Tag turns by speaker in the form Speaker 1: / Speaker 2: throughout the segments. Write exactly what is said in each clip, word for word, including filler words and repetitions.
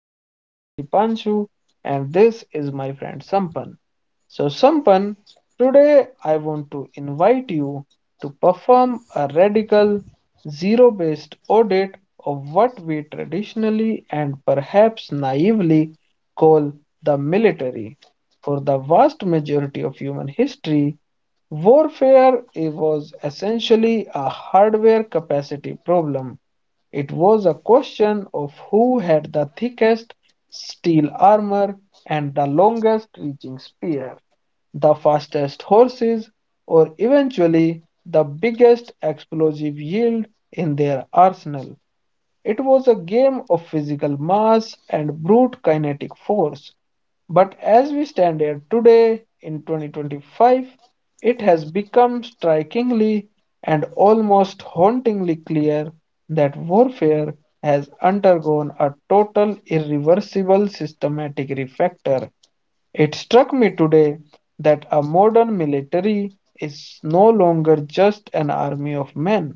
Speaker 1: My name is Dipanshu and this is my friend Sampan. So Sampan, today I want to invite you to perform a radical zero-based audit of what we traditionally and perhaps naively call the military. For the vast majority of human history, warfare it was essentially a hardware capacity problem. It was a question of who had the thickest steel armor and the longest reaching spear, the fastest horses, or eventually the biggest explosive yield in their arsenal. It was a game of physical mass and brute kinetic force. But as we stand here today in twenty twenty-five, it has become strikingly and almost hauntingly clear that warfare has undergone a total irreversible systematic refactor. It struck me today that a modern military is no longer just an army of men.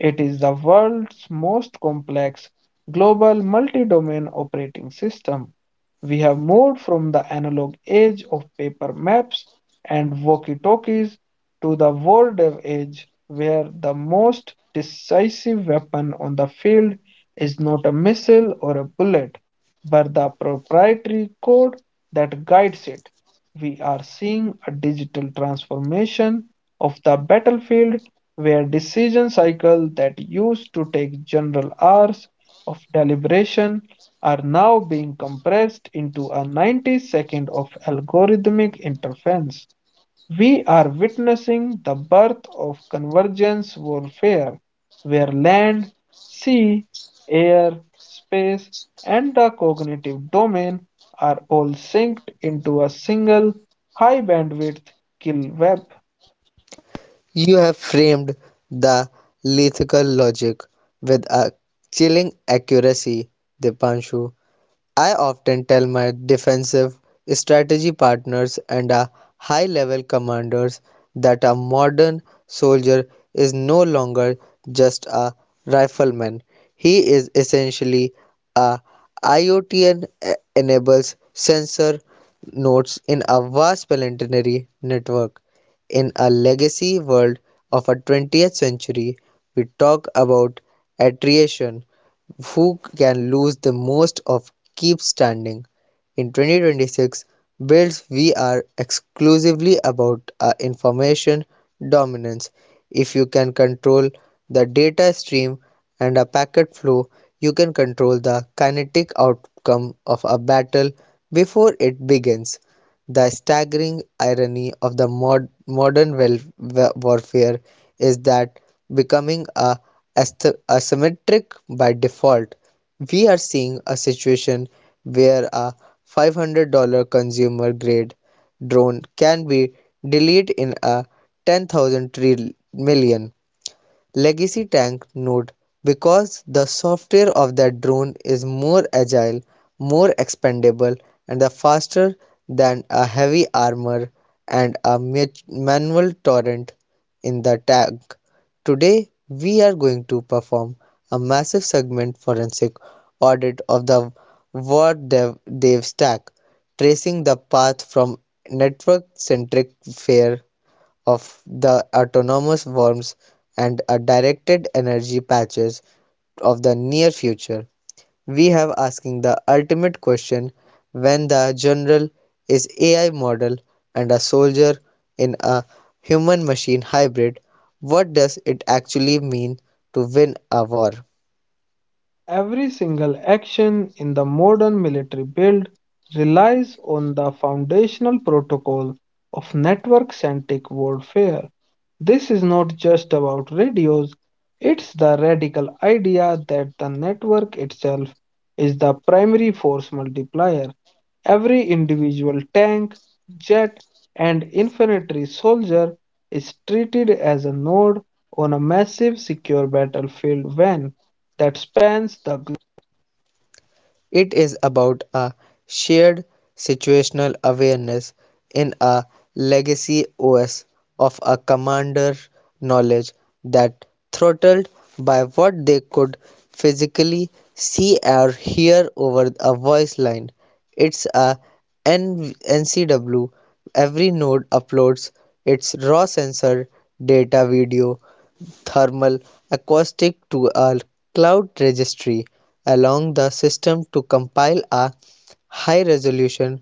Speaker 1: It is the world's most complex global multi-domain operating system. We have moved from the analog age of paper maps and walkie-talkies to the war dev age where the most decisive weapon on the field is not a missile or a bullet, but the proprietary code that guides it. We are seeing a digital transformation of the battlefield where decision cycles that used to take general hours of deliberation are now being compressed into a ninety second of algorithmic interference. We are witnessing the birth of convergence warfare, where land, sea, air, space, and the cognitive domain are all synced into a single high bandwidth kill web.
Speaker 2: You have framed the lyrical logic with a chilling accuracy, Dipanshu. I often tell my defensive strategy partners and uh, high level commanders that a modern soldier is no longer just a rifleman. He is essentially a IoT and enables sensor nodes in a vast planetary network. In a legacy world of a twentieth century, we talk about attrition who can lose the most of keep standing. In twenty twenty-six, builds we are exclusively about uh, information dominance. If you can control the data stream and a packet flow, you can control the kinetic outcome of a battle before it begins. The staggering irony of the mod- modern wel- wa- warfare is that becoming a asth- asymmetric by default, we are seeing a situation where a five hundred dollars consumer grade drone can be deleted in a ten thousand tri- million legacy tank node, because the software of that drone is more agile, more expendable, and faster than a heavy armor and a manual torrent in the tank. Today, we are going to perform a massive segment forensic audit of the war dev, dev stack, tracing the path from network centric fair of the autonomous worms and a directed energy patches of the near future. We have asking the ultimate question: when the general is A I model and a soldier in a human machine hybrid, what does it actually mean to win a war?
Speaker 1: Every single action in the modern military build relies on the foundational protocol of network centric warfare. This is not just about radios, it's the radical idea that the network itself is the primary force multiplier. Every individual tank, jet, and infantry soldier is treated as a node on a massive secure battlefield when that spans the,
Speaker 2: It is about a shared situational awareness in a legacy O S of a commander knowledge that throttled by what they could physically see or hear over a voice line. It's a N- NCW. Every node uploads its raw sensor data, video, thermal, acoustic, to a cloud registry, allowing the system to compile a high resolution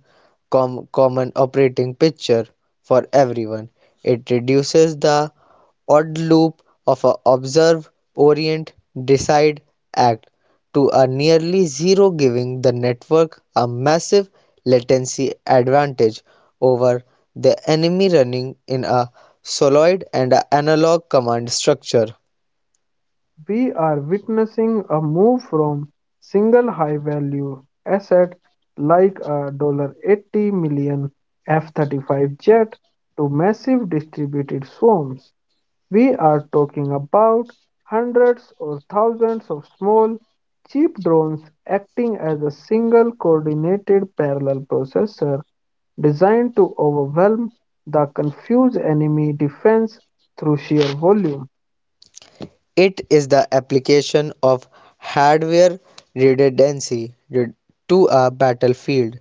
Speaker 2: com- common operating picture for everyone. It reduces the odd loop of a observe, orient, decide, act to a nearly zero, giving the network a massive latency advantage over the enemy running in a solid and analog command structure.
Speaker 1: we are witnessing a move from single high value asset like a eighty million dollars F thirty-five jet to massive distributed swarms. We are talking about hundreds or thousands of small, cheap drones acting as a single coordinated parallel processor designed to overwhelm the confused enemy defense through sheer volume.
Speaker 2: It is the application of hardware redundancy to a battlefield.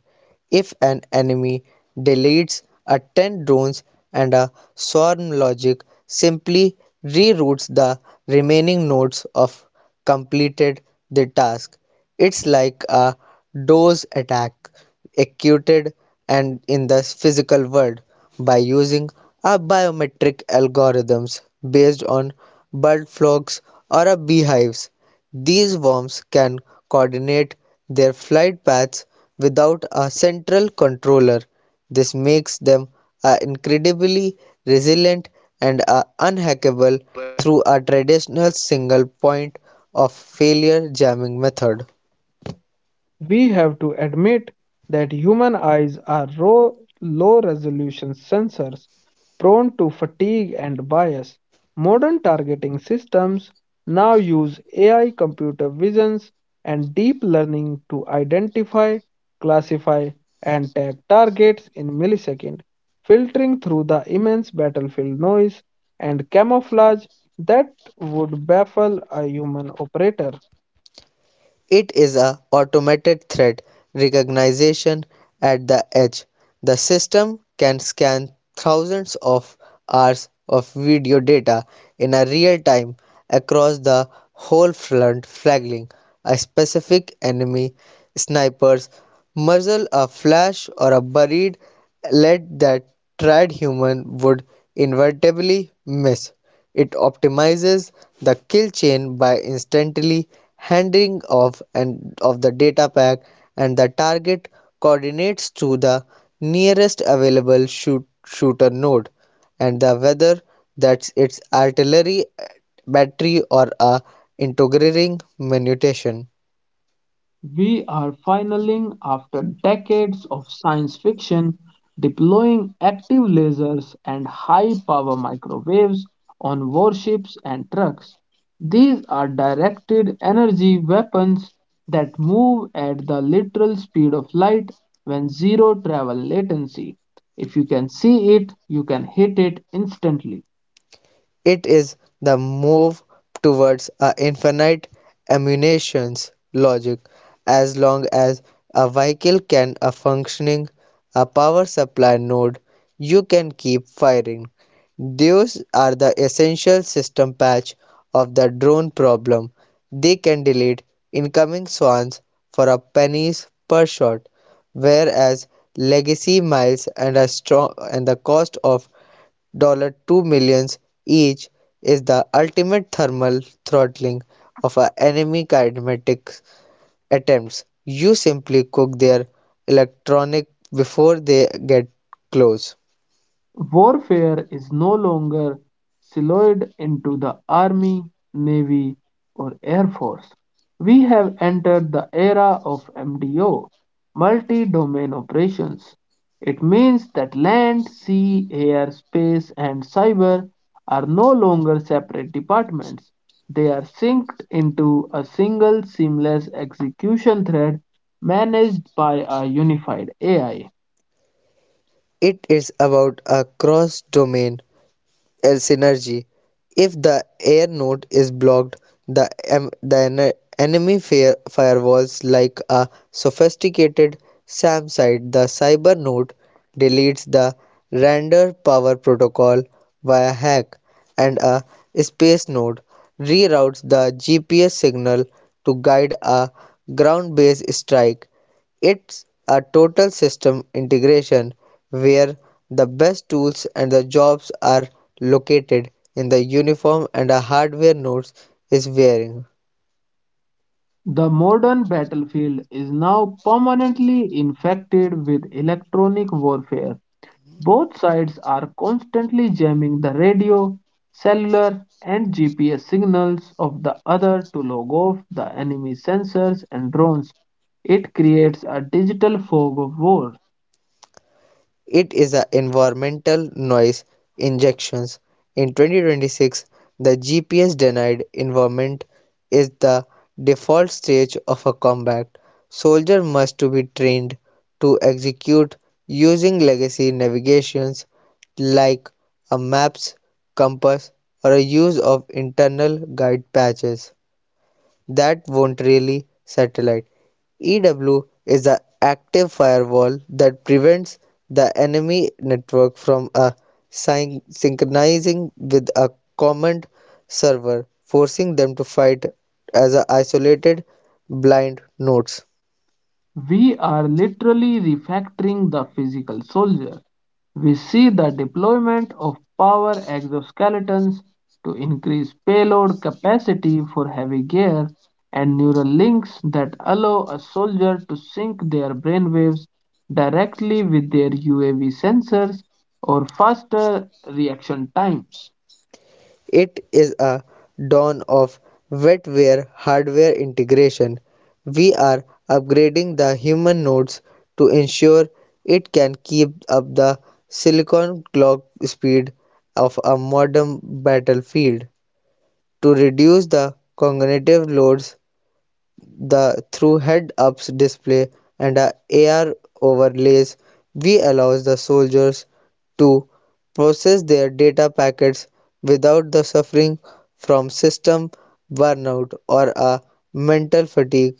Speaker 2: If an enemy deletes a ten drones and a swarm logic simply reroutes the remaining nodes of completed the task. It's like a dose attack executed and in the physical world by using a biometric algorithms based on bird flocks or a beehives. These worms can coordinate their flight paths without a central controller. This makes them uh, incredibly resilient and uh, unhackable through a traditional single point of failure jamming method.
Speaker 1: We have to admit that human eyes are raw, low resolution sensors prone to fatigue and bias. Modern targeting systems now use A I computer visions and deep learning to identify, classify, and tag targets in milliseconds, filtering through the immense battlefield noise and camouflage that would baffle a human operator.
Speaker 2: It is a automated threat recognition at the edge. The system can scan thousands of hours of video data in a real time across the whole front, flagging a specific enemy sniper's muzzle a flash or a buried lead that tried human would inevitably miss. It optimizes the kill chain by instantly handing off and of the data pack and the target coordinates to the nearest available shoot, shooter node, and the whether that's its artillery battery or a integrating mutation.
Speaker 1: We are finally, after decades of science fiction, deploying active lasers and high power microwaves on warships and trucks. These are directed energy weapons that move at the literal speed of light when zero travel latency. If you can see it, you can hit it instantly.
Speaker 2: It is the move towards a infinite ammunitions logic. As long as a vehicle can a functioning a power supply node, you can keep firing. Those are the essential system patch of the drone problem. They can delete incoming swans for a pennies per shot, whereas legacy miles and a strong and the cost of $2 million dollars each is the ultimate thermal throttling of an enemy kinetic attempts. You simply cook their electronic before they get close.
Speaker 1: Warfare is no longer siloed into the Army, Navy, or Air Force. We have entered the era of M D O, multi domain operations. It means that land, sea, air, space, and cyber are no longer separate departments. They are synced into a single seamless execution thread managed by a unified A I.
Speaker 2: It is about a cross domain air synergy. If the air node is blocked, the, em- the ene- enemy fire- firewalls like a sophisticated SAM site. The cyber node deletes the render power protocol via hack, and a space node reroutes the G P S signal to guide a ground based strike. It's a total system integration where the best tools and the jobs are located in the uniform and the hardware nodes is wearing.
Speaker 1: The modern battlefield is now permanently infected with electronic warfare. Both sides are constantly jamming the radio, cellular, and G P S signals of the other to log off the enemy sensors and drones. It creates a digital fog of war.
Speaker 2: It is an environmental noise injections. In twenty twenty-six, the G P S denied environment is the default stage of a combat. Soldier must to be trained to execute using legacy navigations like a maps, compass, or a use of internal guide patches that won't really satellite. E W is an active firewall that prevents the enemy network from uh, syn- synchronizing with a common server, forcing them to fight as a isolated blind nodes.
Speaker 1: We are literally refactoring the physical soldier. We see the deployment of power exoskeletons to increase payload capacity for heavy gear and neural links that allow a soldier to sync their brainwaves directly with their U A V sensors or faster reaction times.
Speaker 2: It is a dawn of wetware hardware integration. We are upgrading the human nodes to ensure it can keep up the silicon clock speed of a modern battlefield. To reduce the cognitive loads the through head-ups display and a AR overlays, we allows the soldiers to process their data packets without the suffering from system burnout or a mental fatigue.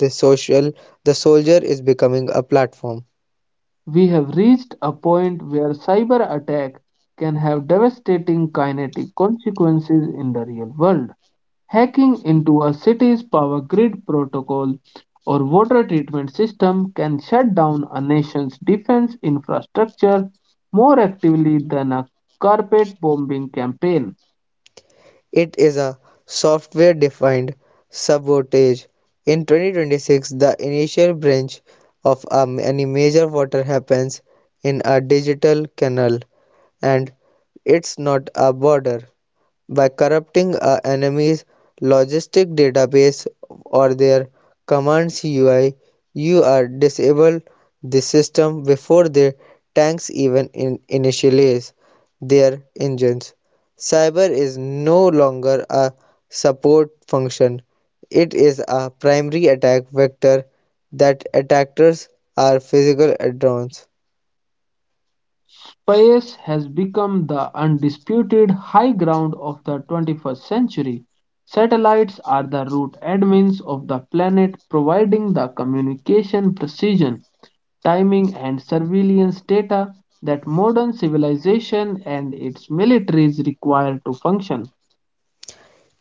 Speaker 2: The social the soldier is becoming a platform.
Speaker 1: We have reached a point where cyber attack can have devastating kinetic consequences in the real world. Hacking into a city's power grid protocol or water treatment system can shut down a nation's defense infrastructure more actively than a carpet bombing campaign.
Speaker 2: It is a software defined sabotage. In twenty twenty-six, the initial breach of a, any major water happens in a digital canal, and it's not a border. By corrupting an enemy's logistic database or their command's U I, you are disable the system before their tanks even in- initialize their engines. Cyber is no longer a support function. It is a primary attack vector that attackers are physical add-ons.
Speaker 1: Space has become the undisputed high ground of the twenty-first century. Satellites are the root admins of the planet, providing the communication precision timing, and surveillance data that modern civilization and its militaries require to function.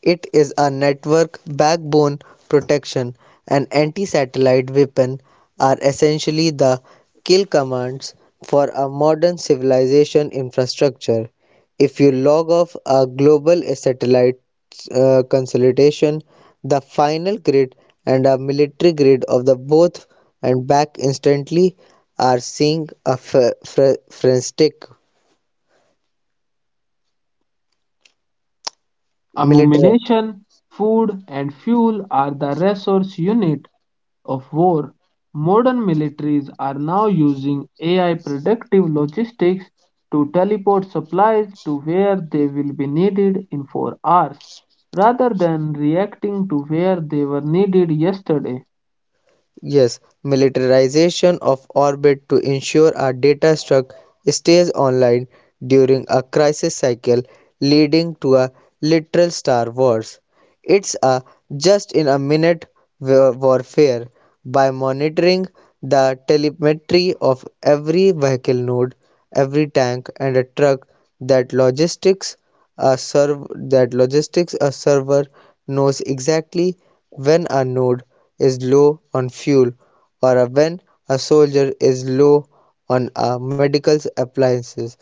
Speaker 2: It is a network backbone protection, and anti-satellite weapon are essentially the kill commands for a modern civilization infrastructure. If you log off a global satellite uh, consolidation, the final grid and a military grid of the both and back instantly are seeing a fr- fr- frantic military.
Speaker 1: Ammunition, food, and fuel are the resource unit of war. Modern militaries are now using A I predictive logistics to teleport supplies to where they will be needed in four hours rather than reacting to where they were needed yesterday.
Speaker 2: Yes, militarization of orbit to ensure our data struct stays online during a crisis cycle, leading to a literal Star Wars. It's a just in a minute wa- warfare. By monitoring the telemetry of every vehicle node, every tank and a truck, that logistics a serv that logistics a server knows exactly when a node is low on fuel or when a soldier is low on uh, medical appliances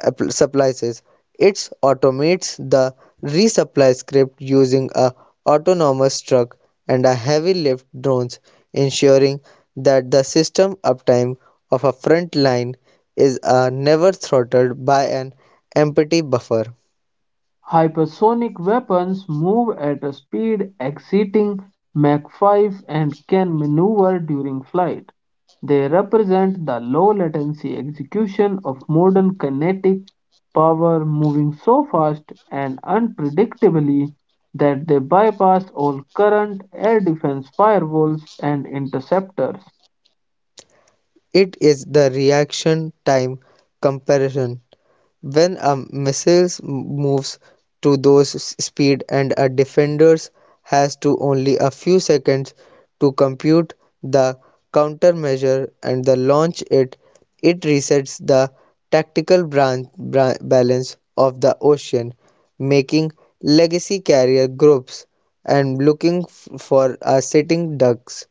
Speaker 2: app- supplies. It automates the resupply script using a autonomous truck and a heavy lift drones, ensuring that the system uptime of a front line is uh, never throttled by an empty buffer.
Speaker 1: Hypersonic weapons move at a speed exceeding Mach five and can maneuver during flight. They represent the low-latency execution of modern kinetic power moving so fast and unpredictably that they bypass all current air defense firewalls and interceptors.
Speaker 2: It is the reaction time comparison. When a missile moves to those speed and a defenders has to only a few seconds to compute the countermeasure and the launch it, it resets the tactical branch bra- balance of the ocean, making legacy carrier groups and looking f- for a sitting ducks,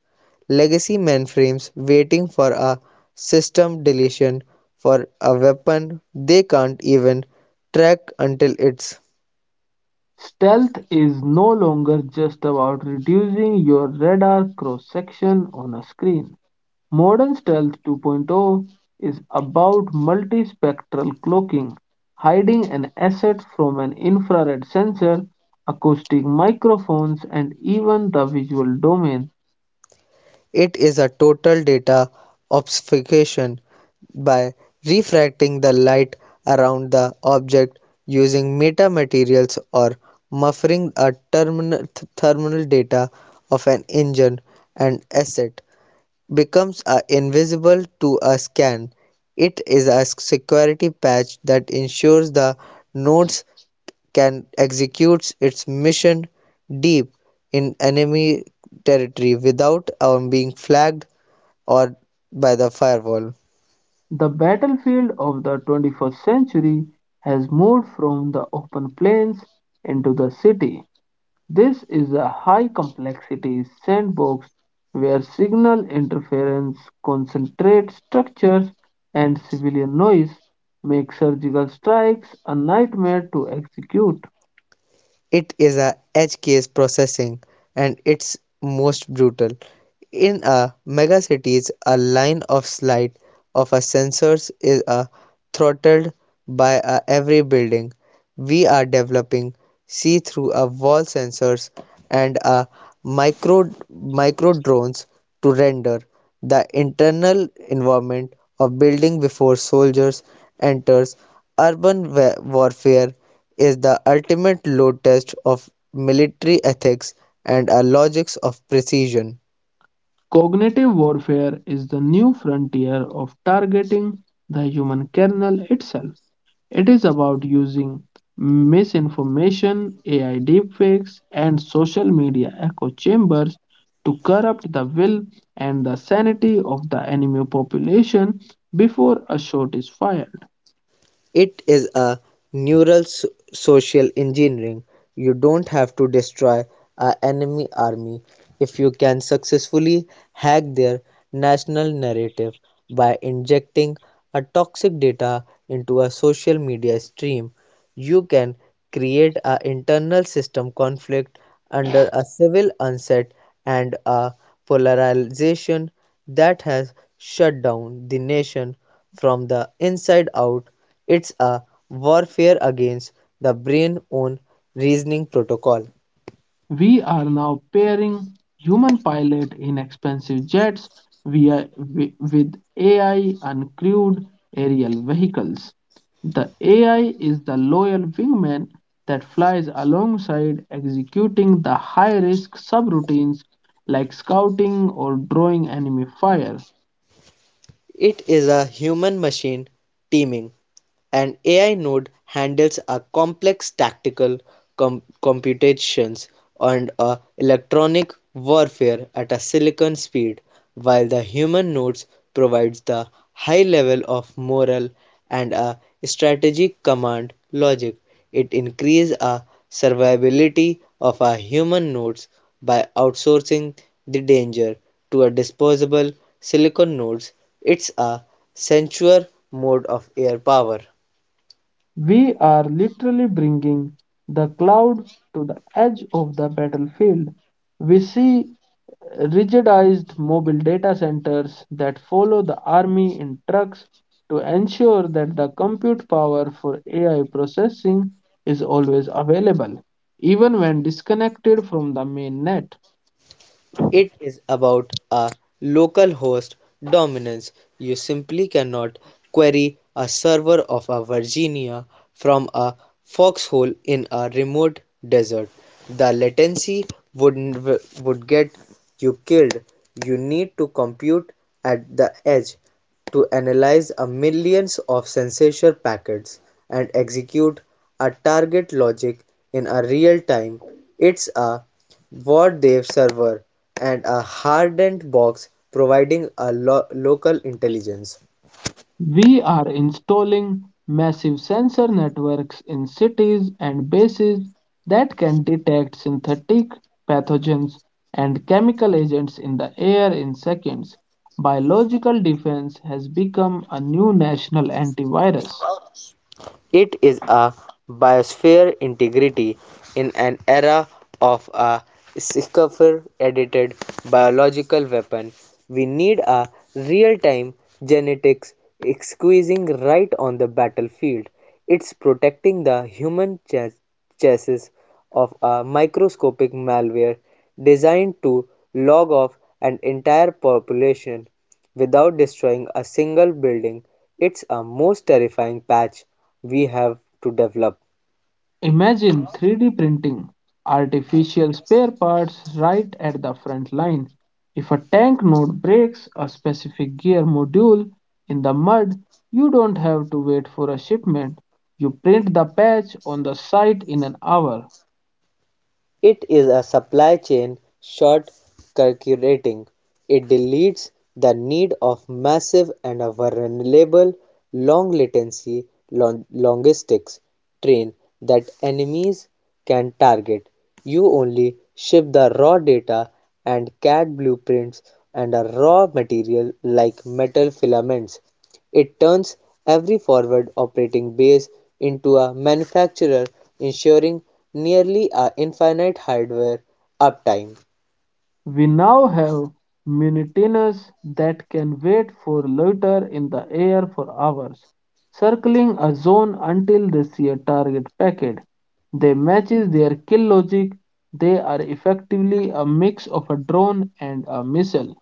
Speaker 2: legacy mainframes waiting for a system deletion for a weapon they can't even track until it's.
Speaker 1: Stealth is no longer just about reducing your radar cross section on a screen. Modern Stealth 2.0 is about multispectral cloaking, hiding an asset from an infrared sensor, acoustic microphones, and even the visual domain.
Speaker 2: It is a total data obfuscation. By refracting the light around the object using metamaterials or muffling a terminal, thermal data of an engine and asset, becomes uh, invisible to a scan. It is a security patch that ensures the nodes can execute its mission deep in enemy territory without um, being flagged or by the firewall.
Speaker 1: The battlefield of the twenty-first century has moved from the open plains into the city. This is a high complexity sandbox where signal interference, concentrate structures, and civilian noise make surgical strikes a nightmare to execute.
Speaker 2: It is a edge case processing and its most brutal. In a megacities, a line of sight of a sensors is a throttled by a every building. We are developing see-through a wall sensors and a micro micro drones to render the internal environment of building before soldiers enters. Urban warfare is the ultimate load test of military ethics and a logics of precision.
Speaker 1: Cognitive warfare is the new frontier of targeting the human kernel itself. It is about using misinformation, A I deepfakes, and social media echo chambers to corrupt the will and the sanity of the enemy population before a shot is fired.
Speaker 2: It is a neural so- social engineering. You don't have to destroy a enemy army if you can successfully hack their national narrative. By injecting a toxic data into a social media stream, you can create a internal system conflict under a civil onset and a polarization that has shut down the nation from the inside out. It's a warfare against the brain own reasoning protocol.
Speaker 1: We are now pairing human pilot in expensive jets via, with A I uncrewed aerial vehicles. The A I is the loyal wingman that flies alongside executing the high risk subroutines like scouting or drawing enemy fire.
Speaker 2: It is a human machine teaming. An Ai node handles a complex tactical com- computations and a electronic warfare at a silicon speed, while the human nodes provides the high level of moral and a strategic command logic. It increases a survivability of a human nodes by outsourcing the danger to a disposable silicon nodes. It's a sensual mode of air power.
Speaker 1: We are literally bringing the cloud to the edge of the battlefield. We see rigidized mobile data centers that follow the army in trucks to ensure that the compute power for A I processing is always available, even when disconnected from the main net.
Speaker 2: It is about a local host dominance. You simply cannot query a server of a Virginia from a foxhole in a remote desert. The latency would would get you killed. You need to compute at the edge to analyze a millions of sensor packets and execute a target logic in a real time. It's a what server and a hardened box providing a lo- local intelligence.
Speaker 1: We are installing massive sensor networks in cities and bases that can detect synthetic pathogens and chemical agents in the air in seconds. Biological defense has become a new national antivirus.
Speaker 2: It is a biosphere integrity in an era of a scaffold edited biological weapon. We need a real time genetics squeezing right on the battlefield. It's protecting the human chas- chassis of a microscopic malware designed to log off an entire population without destroying a single building. It's a most terrifying patch we have to develop.
Speaker 1: Imagine three D printing artificial spare parts right at the front line. If a tank node breaks a specific gear module in the mud, you don't have to wait for a shipment. You print the patch on the site in an hour.
Speaker 2: It is a supply chain short circuiting. It deletes the need of massive and a vulnerable long-latency long latency lon- logistics train that enemies can target. You only ship the raw data and CAD blueprints and a raw material like metal filaments. It turns every forward operating base into a manufacturer, ensuring nearly a infinite hardware uptime.
Speaker 1: We now have mutineers that can wait for loiter in the air for hours, circling a zone until they see a target packet. They matches their kill logic. They are effectively a mix of a drone and a missile.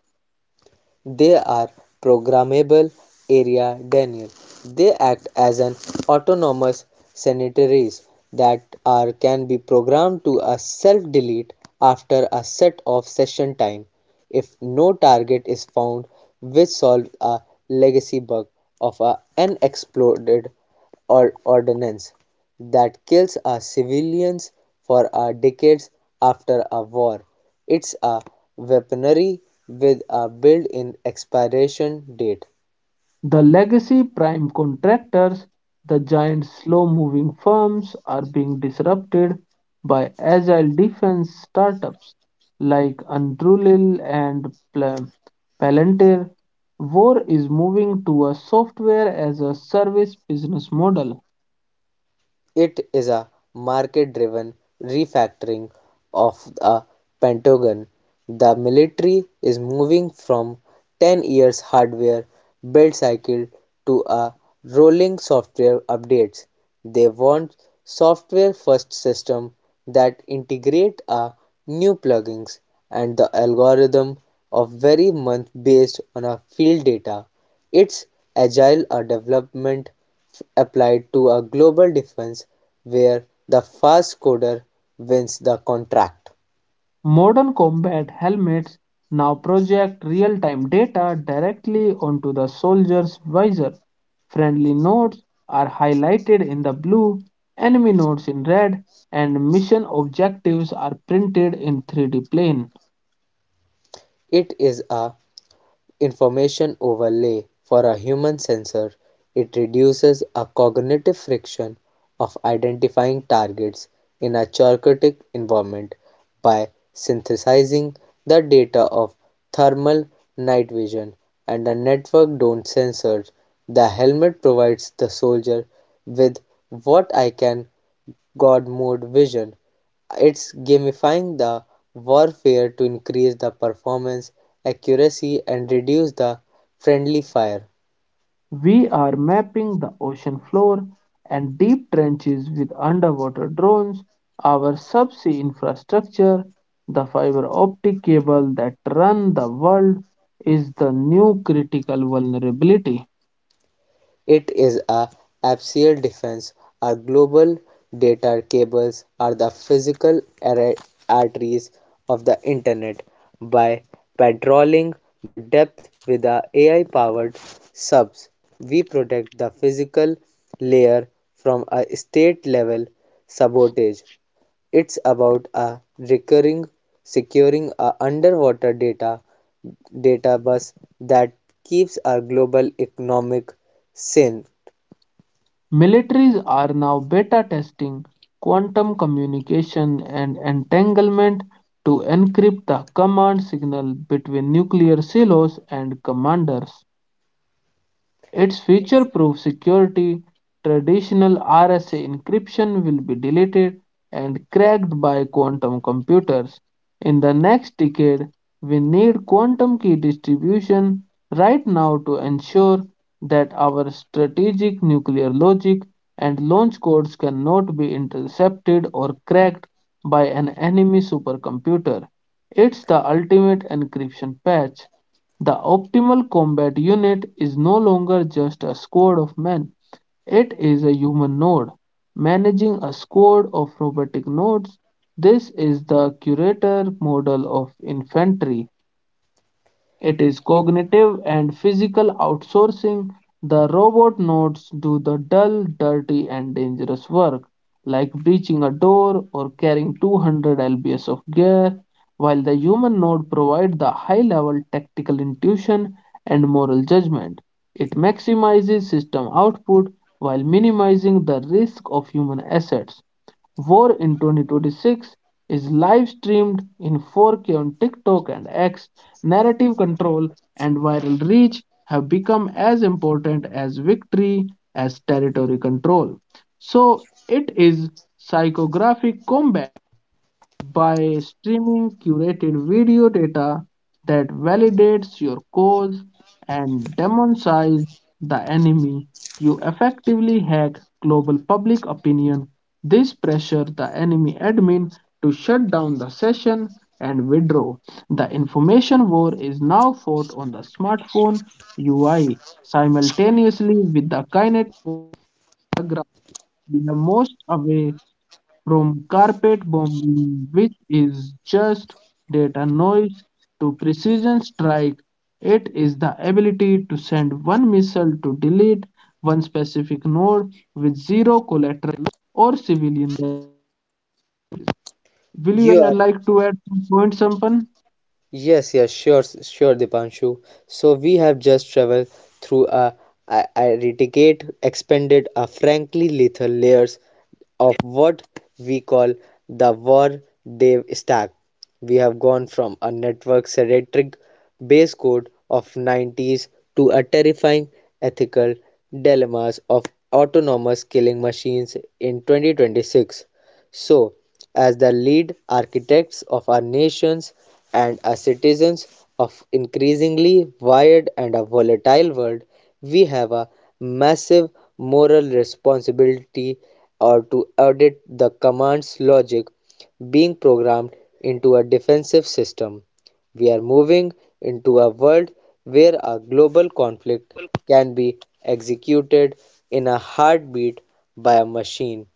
Speaker 2: They are programmable area denial. They act as an autonomous sanitaries that are can be programmed to a self-delete after a set of session time if no target is found, which solves a legacy bug of a unexploded or- ordinance that kills our civilians for our decades after a war. It's a weaponry with a built in expiration date.
Speaker 1: The legacy prime contractors, the giant slow-moving firms, are being disrupted by agile defense startups like Anduril and Pla- Palantir. War is moving to a software as a service business model.
Speaker 2: It is a market-driven refactoring of the Pentagon. The military is moving from ten years hardware build cycle to a rolling software updates. They want software-first system that integrate a new plugins and the algorithm of very month based on a field data. It's agile a development applied to a global defense where the fast coder wins the contract.
Speaker 1: Modern combat helmets now project real-time data directly onto the soldier's visor. Friendly nodes are highlighted in the blue, enemy nodes in red, and mission objectives are printed in three D plane.
Speaker 2: It is a information overlay for a human sensor. It reduces a cognitive friction of identifying targets in a chaotic environment by synthesizing the data of thermal, night vision, and a network drone sensors. The helmet provides the soldier with what I can God mode vision. It's gamifying the warfare to increase the performance, accuracy, and reduce the friendly fire.
Speaker 1: We are mapping the ocean floor and deep trenches with underwater drones, our subsea infrastructure, the fiber optic cable that run the world is the new critical vulnerability.
Speaker 2: It is a axial defense. Our global data cables are the physical arteries of the internet. By patrolling the depth with the A I powered subs, we protect the physical layer from a state level sabotage. It's about a recurring securing a underwater data data bus that keeps our global economic sane.
Speaker 1: Militaries are now beta testing quantum communication and entanglement to encrypt the command signal between nuclear silos and commanders. Its future proof security, traditional R S A encryption will be deleted and cracked by quantum computers. In the next decade, we need quantum key distribution right now to ensure that our strategic nuclear logic and launch codes cannot be intercepted or cracked by an enemy supercomputer. It's the ultimate encryption patch. The optimal combat unit is no longer just a squad of men, it is a human node. Managing a squad of robotic nodes, this is the curator model of infantry. It is cognitive and physical outsourcing. The robot nodes do the dull, dirty, and dangerous work, like breaching a door or carrying two hundred pounds of gear, while the human node provides the high-level tactical intuition and moral judgment. It maximizes system output while minimizing the risk of human assets. War in twenty twenty-six is live streamed in four K on TikTok and X. Narrative control and viral reach have become as important as victory as territory control. So it is psychographic combat by streaming curated video data that validates your cause and demonizes the enemy. You effectively hack global public opinion. This pressure the enemy admin to shut down the session and withdraw. The information war is now fought on the smartphone U I simultaneously with the kinetic ground. We are most aware from carpet bombing, which is just data noise, to precision strike, it is the ability to send one missile to delete one specific node with zero collateral or civilian. Will you uh,
Speaker 2: You are
Speaker 1: like to add some point, Sampan?
Speaker 2: Yes, yes, sure, s- sure, Dipanshu. So we have just traveled through a, a, a reticate, expanded, a frankly lethal layers of what we call the war dev stack. We have gone from a network centric base code of nineties to a terrifying ethical dilemmas of autonomous killing machines in twenty twenty-six. So, as the lead architects of our nations and as citizens of increasingly wired and a volatile world, we have a massive moral responsibility or to audit the command's logic being programmed into a defensive system. We are moving into a world where a global conflict can be executed in a heartbeat by a machine.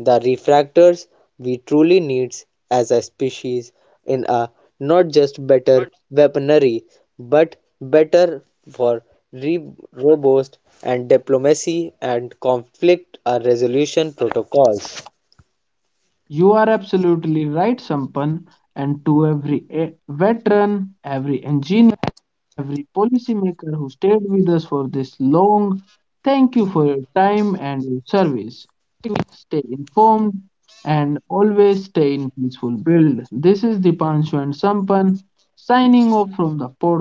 Speaker 2: The refractors we truly need as a species in a not just better weaponry but better for re- robust and diplomacy and conflict uh, resolution protocols.
Speaker 1: You are absolutely right, Sampan. And to every eh, veteran, every engineer, every policymaker who stayed with us for this long, thank you for your time and your service. Stay informed, and always stay in peaceful build. This is Dipanshu and Sampan signing off from the podcast.